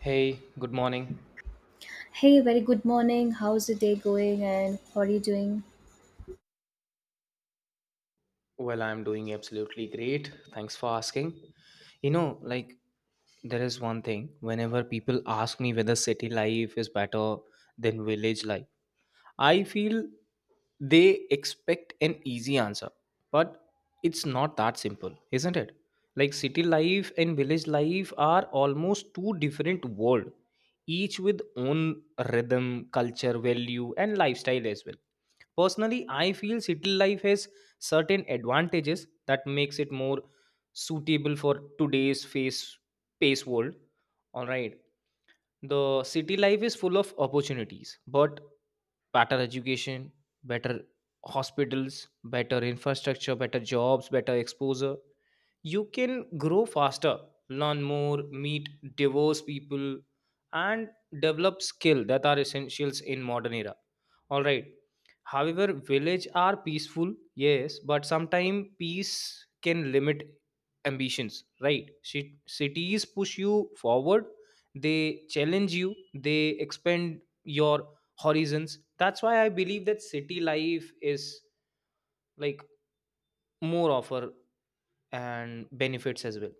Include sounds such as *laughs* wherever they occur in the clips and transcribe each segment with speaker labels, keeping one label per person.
Speaker 1: Hey, good morning.
Speaker 2: Hey, very good morning. How's the day going and how are you doing?
Speaker 1: Well, I'm doing absolutely great. Thanks for asking. You know, like, there is one thing whenever people ask me whether city life is better than village life, I feel they expect an easy answer, but it's not that simple, isn't it? Like city life and village life are almost two different world, each with own rhythm, culture, value, and lifestyle as well. Personally, I feel city life has certain advantages that makes it more suitable for today's face pace world. All right, the city life is full of opportunities, but better education, better hospitals, better infrastructure, better jobs, better exposure. You can grow faster, learn more, meet diverse people, and develop skill that are essentials in modern era. All right, however village are peaceful, yes, but sometimes peace can limit ambitions, right? Cities push you forward, they challenge you, they expand your horizons. That's why I believe that city life is like more offer and benefits as well.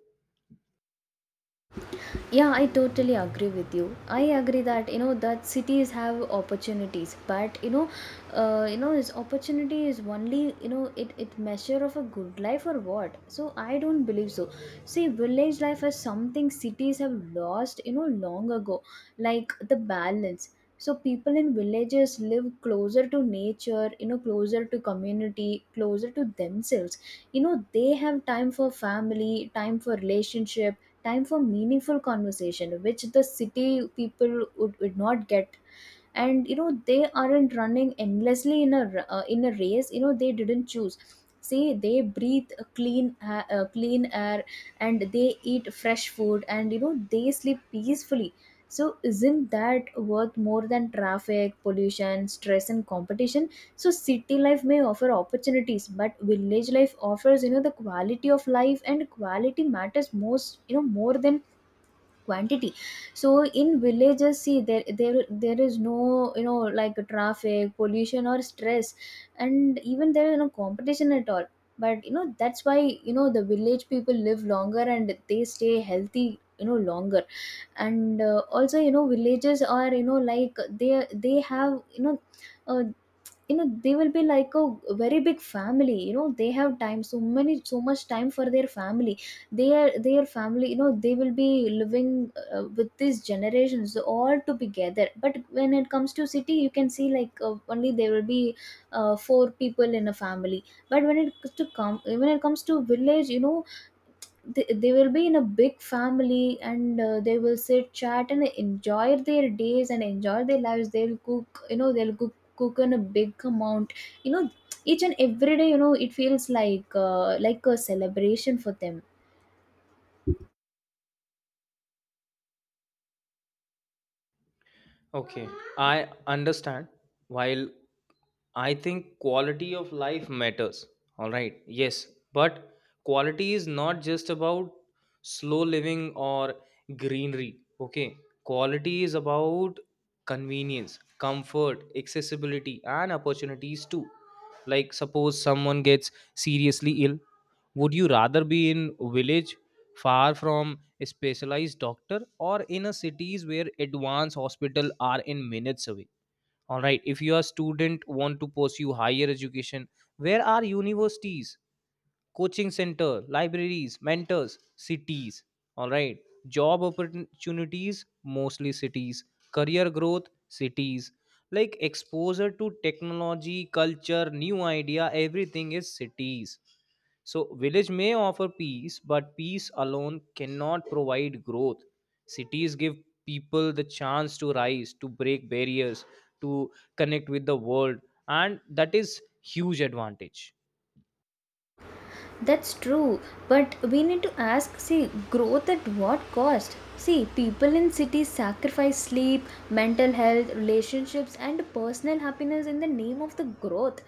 Speaker 2: Yeah, I totally agree with you. I agree that you know that cities have opportunities, but you know this opportunity is only, you know, it measure of a good life or what, so I don't believe so. See, village life is something cities have lost, you know, long ago, like the balance. So people in villages live closer to nature, you know, closer to community, closer to themselves. You know, they have time for family, time for relationship, time for meaningful conversation, which the city people would not get. And you know they aren't running endlessly in in a race, you know, they didn't choose. See, they breathe a clean air, and they eat fresh food, and you know they sleep peacefully. So isn't that worth more than traffic, pollution, stress and competition? So city life may offer opportunities, but village life offers, you know, the quality of life, and quality matters most, you know, more than quantity. So in villages, see, there is no, you know, like traffic, pollution or stress, and even there is no competition at all. But you know that's why, you know, the village people live longer and they stay healthy, you know, longer. And also, you know, villages are, you know, like they have, you know, uh, you know, they will be like a very big family. You know, they have time, so many, so much time for their family. Their family, you know, they will be living with these generations all to be together. But when it comes to city, you can see, like, only there will be four people in a family. But when it comes to come when it comes to village, you know, they will be in a big family, and they will sit, chat and enjoy their days and enjoy their lives. They'll cook, you know, they'll cook in a big amount, you know, each and every day. You know, it feels like a celebration for them.
Speaker 1: Okay, I understand. While I think quality of life matters, all right, yes, but quality is not just about slow living or greenery, okay? Quality is about convenience, comfort, accessibility, and opportunities too. Like, suppose someone gets seriously ill, would you rather be in village far from a specialized doctor or in a cities where advanced hospital are in minutes away? All right, if you are student want to pursue higher education, where are universities, coaching center, libraries, mentors? Cities. All right, job opportunities, mostly cities. Career growth, cities. Like exposure to technology, culture, new idea, everything is cities. So village may offer peace, but peace alone cannot provide growth. Cities give people the chance to rise, to break barriers, to connect with the world, and that is huge advantage.
Speaker 2: That's true, but we need to ask, see, growth at what cost? See, people in cities sacrifice sleep, mental health, relationships, and personal happiness in the name of the growth.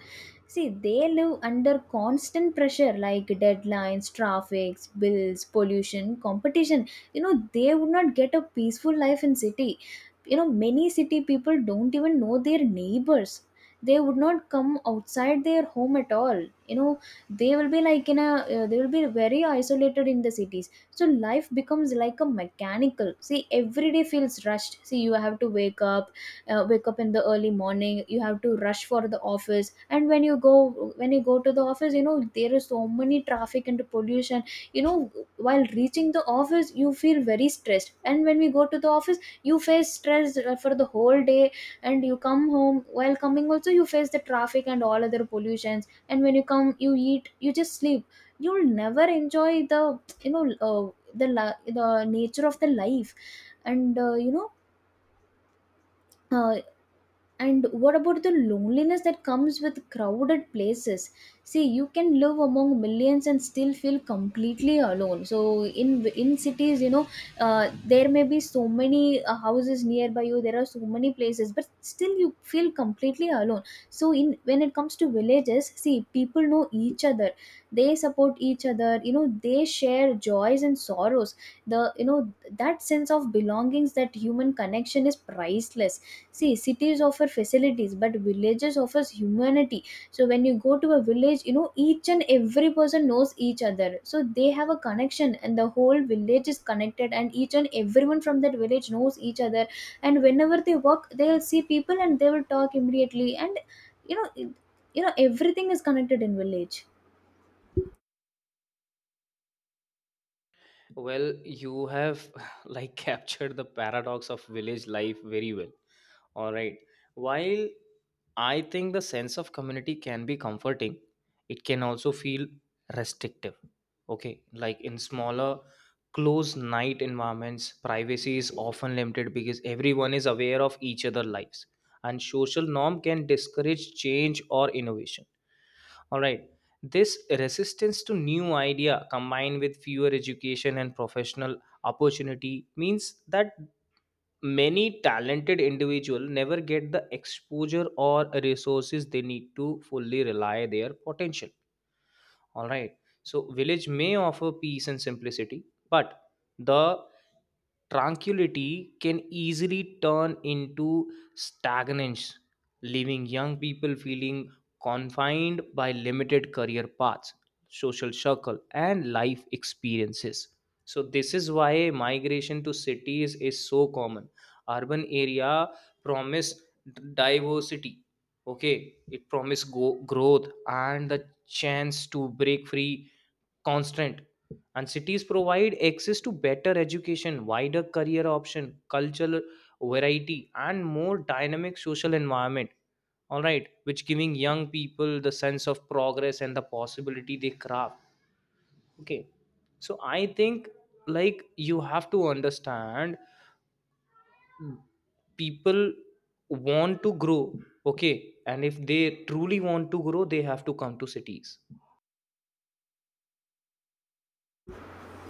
Speaker 2: See, they live under constant pressure like deadlines, traffic, bills, pollution, competition. You know, they would not get a peaceful life in city. You know, many city people don't even know their neighbors. They would not come outside their home at all. You know, they will be like in a they will be very isolated in the cities. So life becomes like a mechanical. See, every day feels rushed. See, you have to wake up in the early morning, you have to rush for the office. And when you go to the office, you know, there is so many traffic and pollution. You know, while reaching the office, you feel very stressed, and when we go to the office, you face stress for the whole day. And you come home, while coming also you face the traffic and all other pollutions. And when you come, you eat, you just sleep. You'll never enjoy the, you know uh, the the nature of the life. And uh, and what about the loneliness that comes with crowded places? See, you can live among millions and still feel completely alone. So in cities, you know, there may be so many houses nearby you. There are so many places, but still you feel completely alone. So in when it comes to villages, see, people know each other. They support each other. You know, they share joys and sorrows. The, you know, that sense of belongings, that human connection is priceless. See, cities offer facilities, but villages offers humanity. So when you go to a village, you know, each and every person knows each other. So they have a connection, and the whole village is connected, and each and everyone from that village knows each other. And whenever they walk, they'll see people and they will talk immediately. And you know, it- you know everything is connected in village.
Speaker 1: Well, you have *laughs* captured the paradox of village life very well. All right. While I think the sense of community can be comforting, it can also feel restrictive. Okay. Like in smaller, close night environments, privacy is often limited because everyone is aware of each other's lives, and social norm can discourage change or innovation, all right. This resistance to new idea combined with fewer education and professional opportunity means that many talented individual never get the exposure or resources they need to fully rely their potential, all right. So, village may offer peace and simplicity, but the tranquility can easily turn into stagnance, leaving young people feeling confined by limited career paths, social circle, and life experiences. So, this is why migration to cities is so common. Urban area promise diversity, okay, it promise growth and the chance to break free constant. And cities provide access to better education, wider career option, cultural variety, and more dynamic social environment, all right, which giving young people the sense of progress and the possibility they craft. Okay, so I think you have to understand people want to grow. Okay, and if they truly want to grow, they have to come to cities.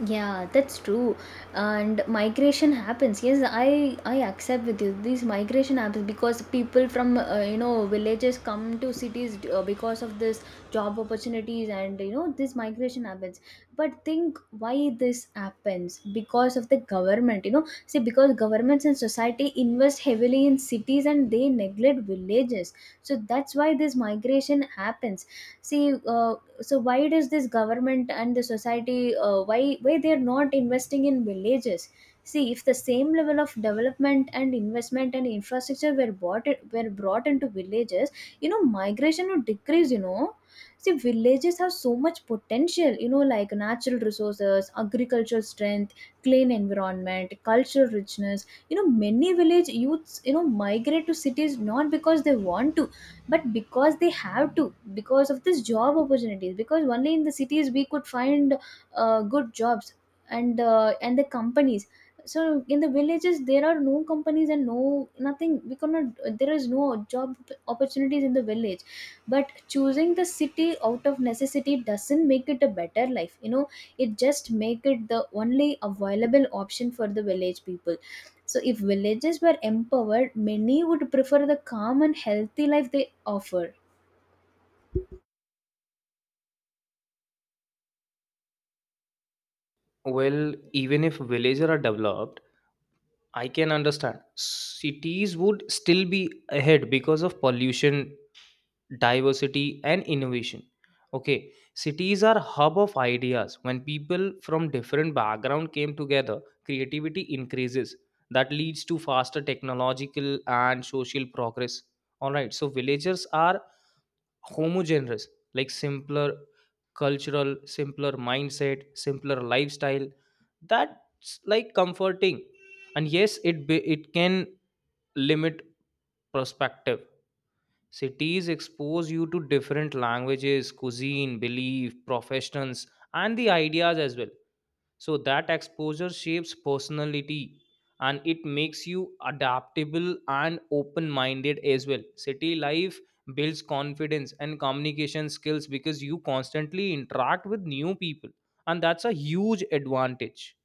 Speaker 2: Yeah, that's true. And migration happens. Yes, I accept with you. This migration happens because people from you know villages come to cities because of this job opportunities, and you know this migration happens. But think why this happens, because of the government. You know, see, because governments and society invest heavily in cities and they neglect villages. So that's why this migration happens. See, so why does this government and the society, why they are not investing in villages? See, if the same level of development and investment and infrastructure were brought into villages, you know, migration would decrease. You know, see, villages have so much potential, you know, like natural resources, agricultural strength, clean environment, cultural richness. You know, many village youths, you know, migrate to cities not because they want to, but because they have to, because of this job opportunities, because only in the cities we could find good jobs and the companies. So in the villages there are no companies and no nothing. We cannot, there is no job opportunities in the village. But choosing the city out of necessity doesn't make it a better life, you know. It just make it the only available option for the village people. So if villages were empowered, many would prefer the calm and healthy life they offer.
Speaker 1: Well, even if villages are developed, I can understand. Cities would still be ahead because of pollution, diversity, and innovation. Okay, cities are hub of ideas. When people from different background came together, creativity increases. That leads to faster technological and social progress. All right, so villagers are homogeneous, simpler cultural, simpler mindset, simpler lifestyle. That's like comforting, and yes it can limit perspective. Cities expose you to different languages, cuisine, belief, professions, and the ideas as well. So that exposure shapes personality, and it makes you adaptable and open minded as well. City life builds confidence and communication skills because you constantly interact with new people, and that's a huge advantage.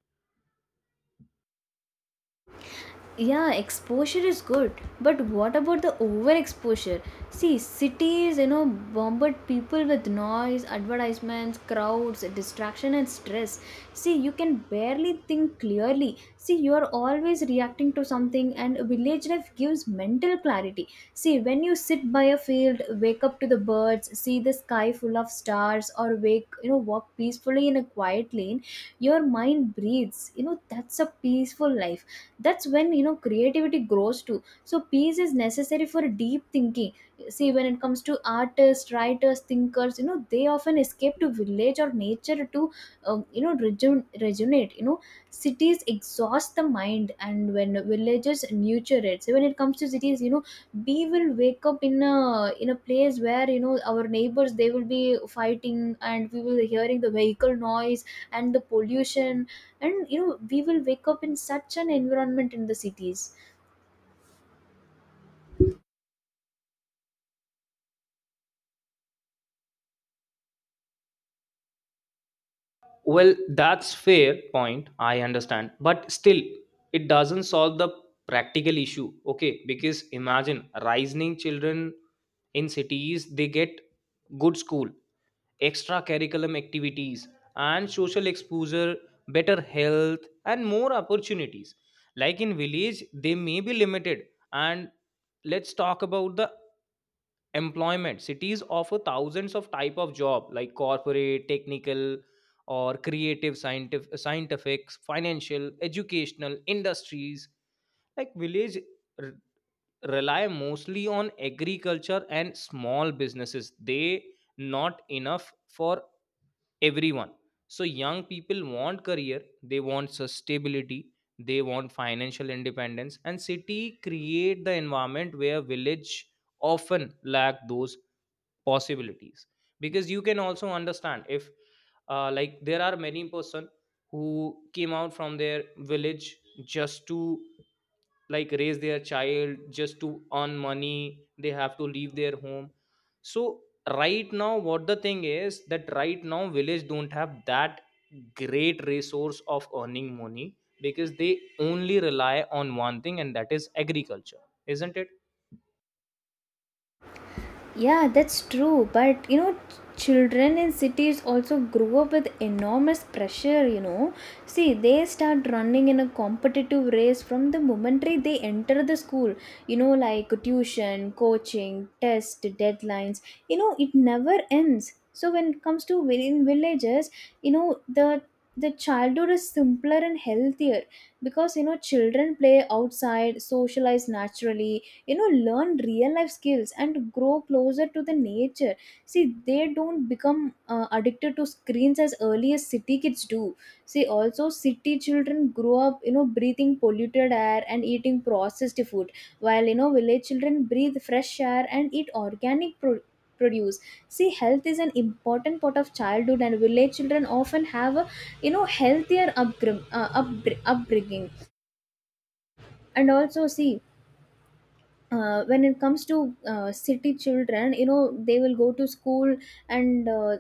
Speaker 2: Yeah, exposure is good, but what about the overexposure? See, cities, you know, bombard people with noise, advertisements, crowds, distraction and stress. See, you can barely think clearly. See, you are always reacting to something, and village life gives mental clarity. See, when you sit by a field, wake up to the birds, see the sky full of stars, or wake you know walk peacefully in a quiet lane, your mind breathes. You know, that's a peaceful life. That's when, you know, creativity grows too. So peace is necessary for deep thinking. See, when it comes to artists, writers, thinkers, you know, they often escape to village or nature to rejuvenate, you know. Cities exhaust the mind, and when villages nurture it. So when it comes to cities, you know, we will wake up in a place where, you know, our neighbors they will be fighting, and we will be hearing the vehicle noise and the pollution. And you know we will wake up in such an environment in the cities.
Speaker 1: Well, that's fair point, I understand, but still it doesn't solve the practical issue. Okay, because imagine rising children in cities, they get good school, extra curriculum activities and social exposure, better health, and more opportunities. Like in village they may be limited. And let's talk about the employment. Cities offer thousands of type of job, like corporate, technical, or creative, scientific, financial, educational industries. Like village r- rely mostly on agriculture and small businesses, they not enough for everyone. So young people want career, they want sustainability, they want financial independence, and city create the environment where village often lack those possibilities. Because you can also understand, if there are many person who came out from their village just to raise their child, just to earn money, they have to leave their home. So right now what the thing is that right now village don't have that great resource of earning money because they only rely on one thing, and that is agriculture, isn't it?
Speaker 2: Yeah, that's true. But you know, children in cities also grew up with enormous pressure. You know, see, they start running in a competitive race from the momentary they enter the school. You know, like tuition, coaching, test, deadlines. You know, it never ends. So when it comes to in villages, you know, the childhood is simpler and healthier, because you know children play outside, socialize naturally, you know, learn real life skills and grow closer to the nature. See, they don't become addicted to screens as early as city kids do. See, also city children grow up, you know, breathing polluted air and eating processed food, while you know village children breathe fresh air and eat organic produce. See, health is an important part of childhood, and village children often have a, you know, healthier upbringing. And also see, when it comes to city children, you know, they will go to school. And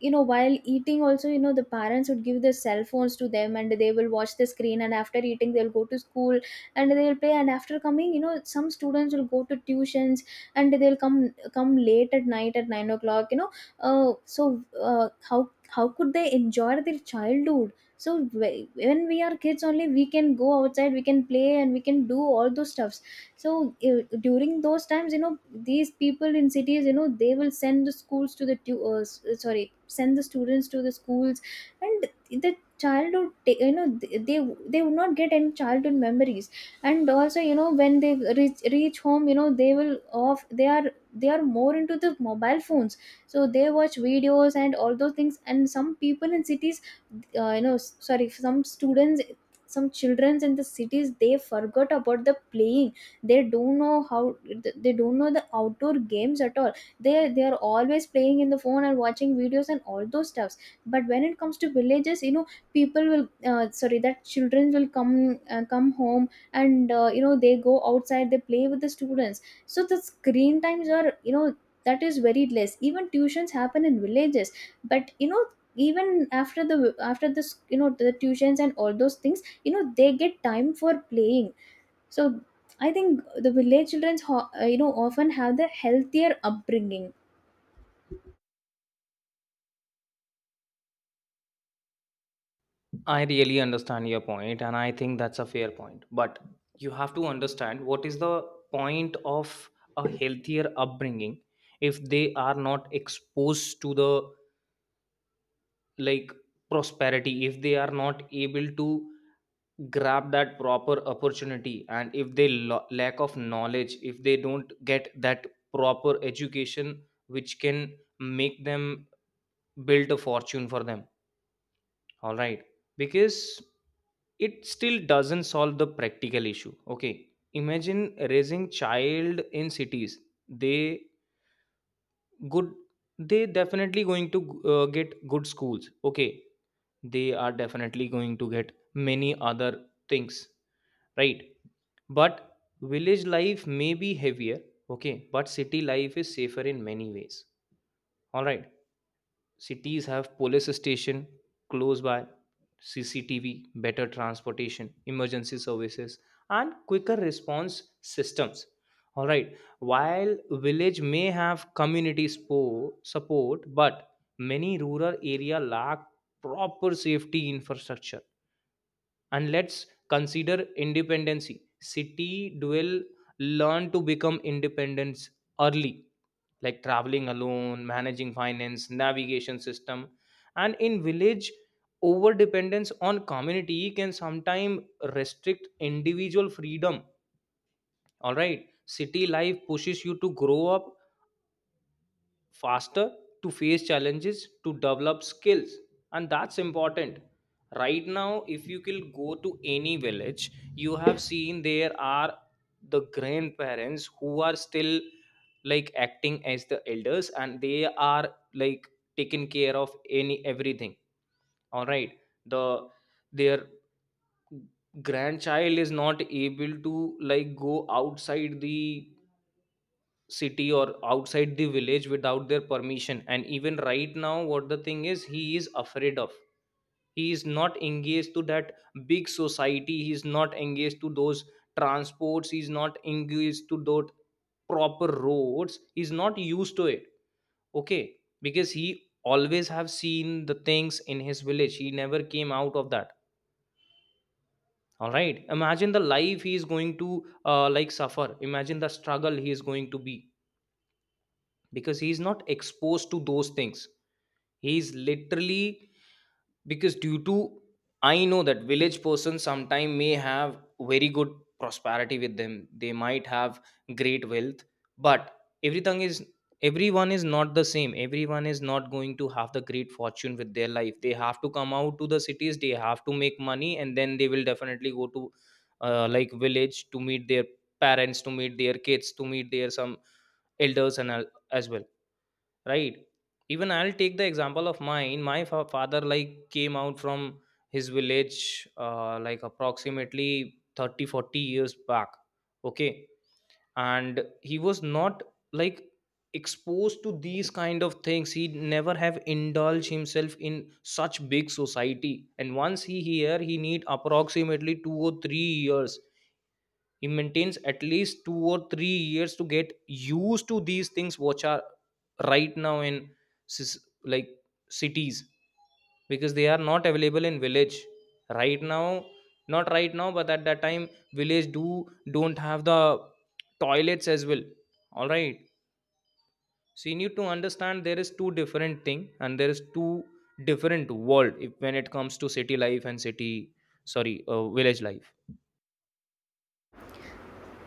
Speaker 2: you know, while eating also, you know, the parents would give their cell phones to them, and they will watch the screen, and after eating they'll go to school, and they'll play. And after coming, you know, some students will go to tuitions, and they'll come late at night at 9 o'clock, you know. So how could they enjoy their childhood? So when we are kids, only we can go outside, we can play, and we can do all those stuff. So during those times, you know, these people in cities, you know, they will send the schools to the sorry, send the students to the schools. And the childhood they would not get any childhood memories. And also, you know, when they reach home, you know, they will off, they are, they are more into the mobile phones. So they watch videos and all those things. And some people in cities, sorry, some students, some children in the cities, they forgot about the playing. They don't know how, they don't know the outdoor games at all. They are always playing in the Phone and watching videos and all those stuffs. But when it comes to villages, you know, people will sorry that children will come come home. And they go outside, they play with the students, so the screen times are, you know, that is very less. Even tuitions happen in villages, but you know, even after the, after this, you know, the tuitions and all those things, you know, they get time for playing. So I think the village children often have the healthier upbringing.
Speaker 1: I really understand your point, and I think that's a fair point, but you have to understand what is the point of a healthier upbringing if they are not exposed to the like prosperity, if they are not able to grab that proper opportunity, and if they lack of knowledge, if they don't get that proper education which can make them build a fortune for them, all right? Because it still doesn't solve the practical issue. Okay, imagine raising child in cities, they good, they definitely going to get good schools, okay? They are definitely going to get many other things, right? But village life may be heavier, okay, but city life is safer in many ways, all right. Cities have police station close by, CCTV, better transportation, emergency services, and quicker response systems. All right. While village may have community support, but many rural area lack proper safety infrastructure. And let's consider independency. City dwell learn to become independent early, like traveling alone, managing finance, navigation system. And in village, over dependence on community can sometimes restrict individual freedom. All right, city life pushes you to grow up faster, to face challenges, to develop skills, and that's important. Right now if you can go to any village, you have seen there are the grandparents who are still acting as the elders, and they are taking care of any everything. All right, the their grandchild is not able to go outside the city or outside the village without their permission. And even right now what the thing is, he is afraid of, he is not engaged to that big society, he is not engaged to those transports, he is not engaged to those proper roads, he is not used to it. Okay, because he always have seen the things in his village, he never came out of that. All right, imagine the life he is going to suffer, imagine the struggle he is going to be, because he's not exposed to those things, he's literally, because due to, I know that village person sometime may have very good prosperity with them, they might have great wealth, but everything is, everyone is not the same, everyone is not going to have the great fortune with their life. They have to come out to the cities, they have to make money, and then they will definitely go to village to meet their parents, to meet their kids, to meet their some elders and all as well, right? Even I'll take the example of mine. My father came out from his village approximately 30-40 years back, okay, and he was not like exposed to these kind of things, he never have indulged himself in such big society. And once he here, he need approximately 2 or 3 years, he maintains at least 2 or 3 years to get used to these things which are right now in sis- like cities, because they are not available in village right now. Not right now, but at that time village do don't have the toilets as well, all right. So you need to understand, there is two different thing, and there is two different world, if, when it comes to city life and city, sorry, village life.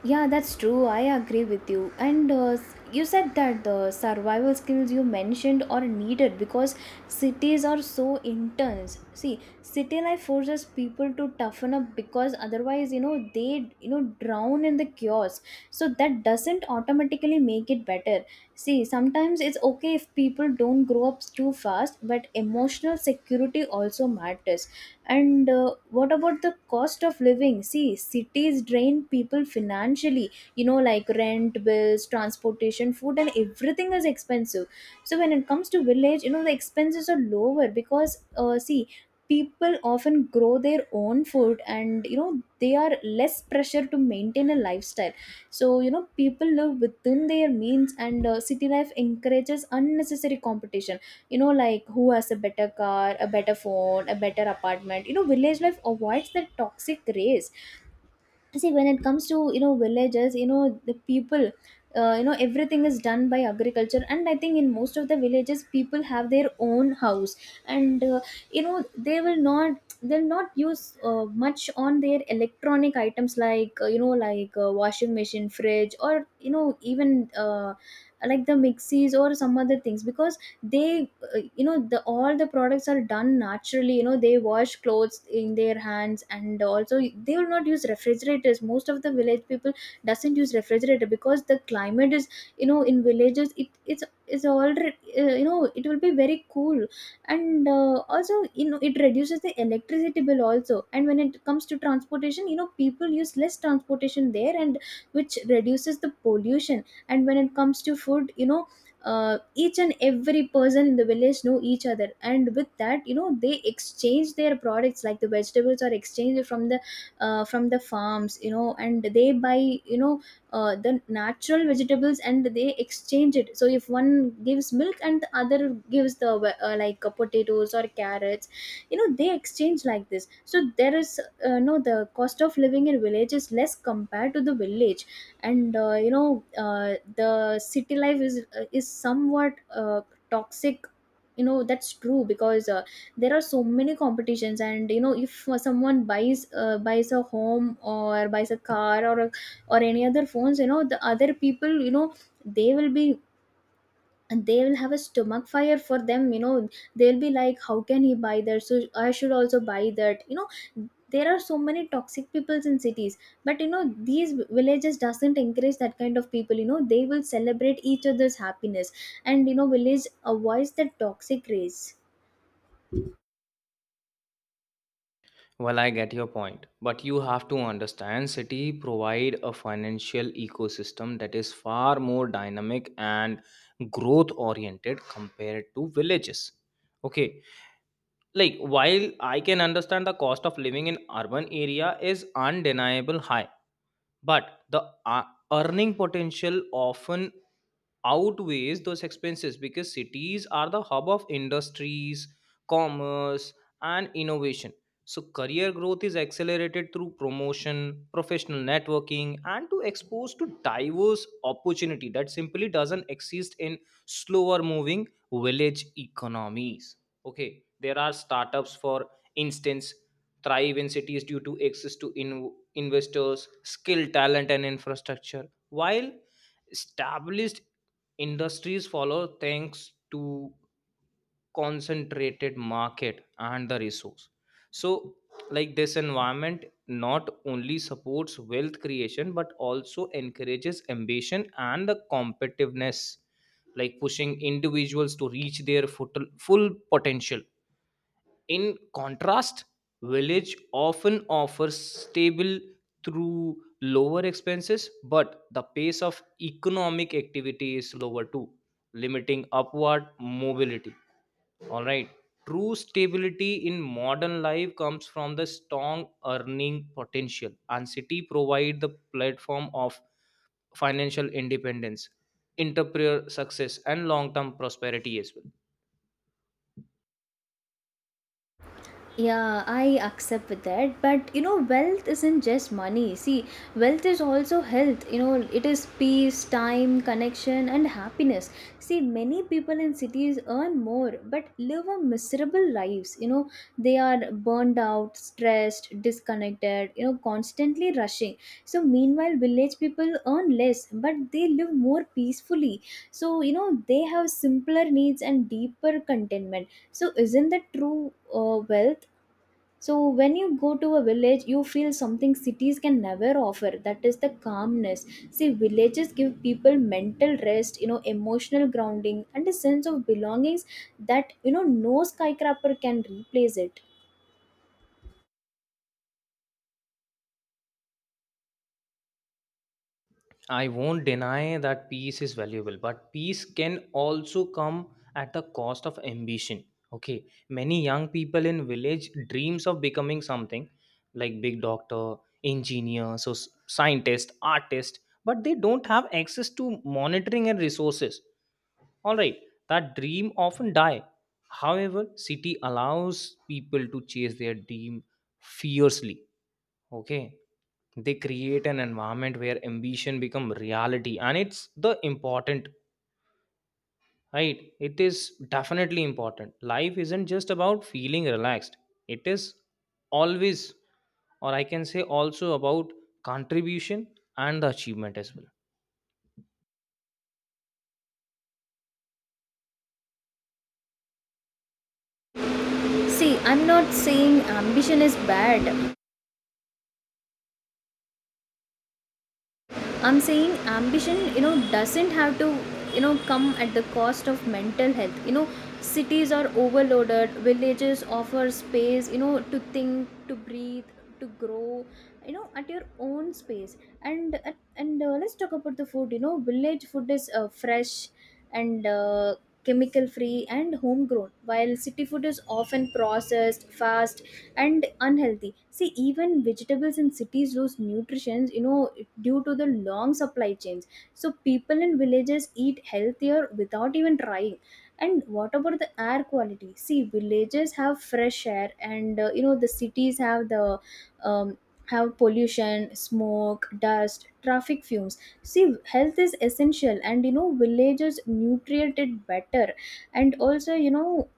Speaker 2: Yeah, that's true. I agree with you. And you said that the survival skills you mentioned are needed because cities are so intense. See, city life forces people to toughen up because otherwise, you know, they, you know, drown in the chaos. So that doesn't automatically make it better. See, sometimes it's okay if people don't grow up too fast, but emotional security also matters. And what about the cost of living? See, cities drain people financially, you know, like rent, bills, transportation, food, and everything is expensive. So when it comes to village, you know, the expenses are lower because, see, people often grow their own food, and you know, they are less pressure to maintain a lifestyle. So you know, people live within their means. And city life encourages unnecessary competition, you know, like who has a better car, a better phone, a better apartment. You know, village life avoids the toxic race. See, when it comes to, you know, villages, you know, the people, everything is done by agriculture, and I think in most of the villages, people have their own house. And you know, they will not, they'll not use much on their electronic items, like washing machine, fridge, or you know, even like the mixies or some other things, because they, the all the products are done naturally. You know, they wash clothes in their hands, and also they will not use refrigerators. Most of the village people doesn't use refrigerator because the climate is, you know, in villages it's is already, it will be very cool. And also, you know, it reduces the electricity bill also. And when it comes to transportation, you know, people use less transportation there, and which reduces the pollution. And when it comes to food, you know, each and every person in the village know each other, and with that, you know, they exchange their products, like the vegetables are exchanged from the, from the farms, you know, and they buy, you know, the natural vegetables, and they exchange it. So if one gives milk and the other gives the potatoes or carrots, you know, they exchange like this. So there is, no, the cost of living in village is less compared to the village. And the city life is somewhat toxic, you know. That's true, because there are so many competitions, and you know, if someone buys a home or buys a car or a, or any other phones, you know, the other people, you know, they will be, and they will have a stomach fire for them, you know. They'll be like, how can he buy that, so I should also buy that, you know. There are so many toxic peoples in cities. But you know, these villages doesn't encourage that kind of people. You know, they will celebrate each other's happiness. And you know, village avoids the toxic race.
Speaker 1: Well, I get your point, but you have to understand city provide a financial ecosystem that is far more dynamic and growth oriented compared to villages. Okay, while I can understand the cost of living in urban area is undeniable high, but the earning potential often outweighs those expenses, because cities are the hub of industries, commerce, and innovation. So, career growth is accelerated through promotion, professional networking, and to expose to diverse opportunity that simply doesn't exist in slower moving village economies. Okay, there are startups, for instance, thrive in cities due to access to investors, skilled talent, and infrastructure, while established industries follow thanks to concentrated market and the resource. So this environment not only supports wealth creation but also encourages ambition and the competitiveness, pushing individuals to reach their full potential. In contrast, village often offers stable through lower expenses, but the pace of economic activity is slower too, limiting upward mobility. All right. True stability in modern life comes from the strong earning potential, and city provide the platform of financial independence, entrepreneur success, and long-term prosperity as well.
Speaker 2: Yeah, I accept with that. But you know, wealth isn't just money. See, wealth is also health. You know, it is peace, time, connection, and happiness. See, many people in cities earn more but live a miserable lives. You know, they are burned out, stressed, disconnected, you know, constantly rushing. So, meanwhile, village people earn less but they live more peacefully. So, you know, they have simpler needs and deeper contentment. So, isn't that true wealth? So when you go to a village, you feel something cities can never offer. That is the calmness. See, villages give people mental rest, you know, emotional grounding, and a sense of belongings that you know no skyscraper can replace it.
Speaker 1: I won't deny that peace is valuable, but peace can also come at the cost of ambition. Okay, many young people in village dreams of becoming something like big doctor, engineer, scientist, artist, but they don't have access to monitoring and resources. All right, that dream often die. However, city allows people to chase their dream fiercely, okay, they create an environment where ambition become reality, and it's the important, right? It is definitely important. Life isn't just about feeling relaxed, it is always, or I can say also about contribution and the achievement as well.
Speaker 2: See, I'm not saying ambition is bad. I'm saying ambition, you know, doesn't have to, you know, come at the cost of mental health. You know, cities are overloaded, villages offer space, you know, to think, to breathe, to grow, you know, at your own space. And let's talk about the food. You know, village food is fresh and chemical free and homegrown, while city food is often processed, fast, and unhealthy. See, even vegetables in cities lose nutrition, you know, due to the long supply chains. So people in villages eat healthier without even trying. And what about the air quality? See, villages have fresh air, and you know, the cities have the, um, have pollution, smoke, dust, traffic fumes. See, health is essential, and you know, villages nutrient it better. And also, you know,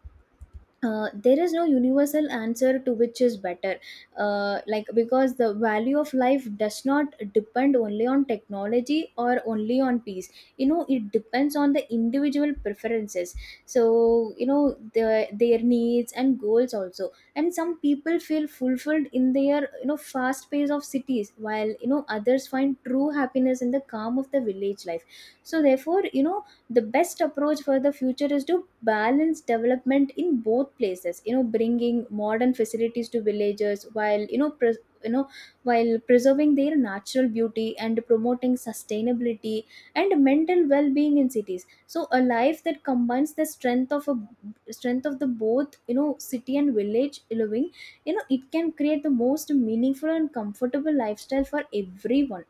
Speaker 2: there is no universal answer to which is better, like because the value of life does not depend only on technology or only on peace. You know, it depends on the individual preferences. So you know, the, their needs and goals also. And some people feel fulfilled in their, you know, fast pace of cities, while you know, others find true happiness in the calm of the village life. So therefore, you know, the best approach for the future is to balance development in both places, you know, bringing modern facilities to villagers, while you know, pres you know while preserving their natural beauty and promoting sustainability and mental well-being in cities. So a life that combines the strength of the both, you know, city and village living, you know, it can create the most meaningful and comfortable lifestyle for everyone.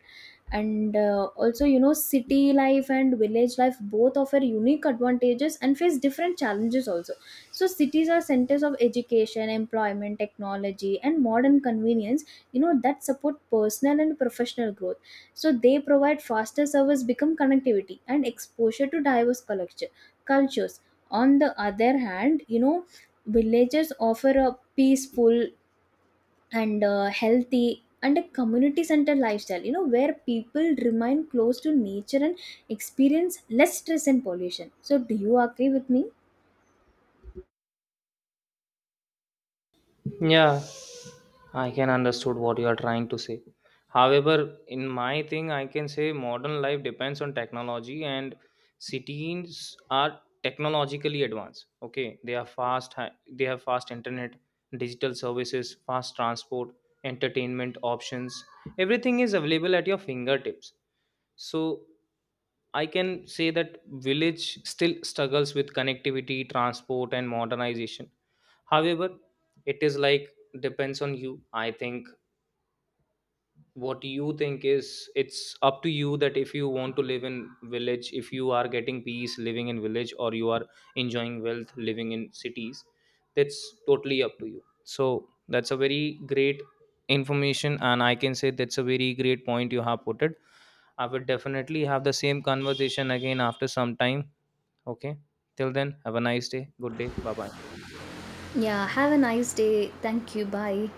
Speaker 2: And also, you know, city life and village life both offer unique advantages and face different challenges also. So cities are centers of education, employment, technology, and modern convenience, you know, that support personal and professional growth. So they provide faster service, become connectivity, and exposure to diverse cultures. On the other hand, you know, villages offer a peaceful and healthy and a community centered lifestyle, you know, where people remain close to nature and experience less stress and pollution. So do you agree with me?
Speaker 1: Yeah, I can understood what you are trying to say. However, in my thing, I can say modern life depends on technology, and cities are technologically advanced. Okay, they are fast. They have fast internet, digital services, fast transport, entertainment options. Everything is available at your fingertips. So I can say that village still struggles with connectivity, transport, and modernization. However, it is depends on you. I think what you think is, it's up to you that if you want to live in village, if you are getting peace living in village, or you are enjoying wealth living in cities, that's totally up to you. So that's a very great information, and I can say that's a very great point you have put it. I will definitely have the same conversation again after some time. Okay. Till then, have a nice day. Good day. Bye bye.
Speaker 2: Yeah, have a nice day. Thank you. Bye.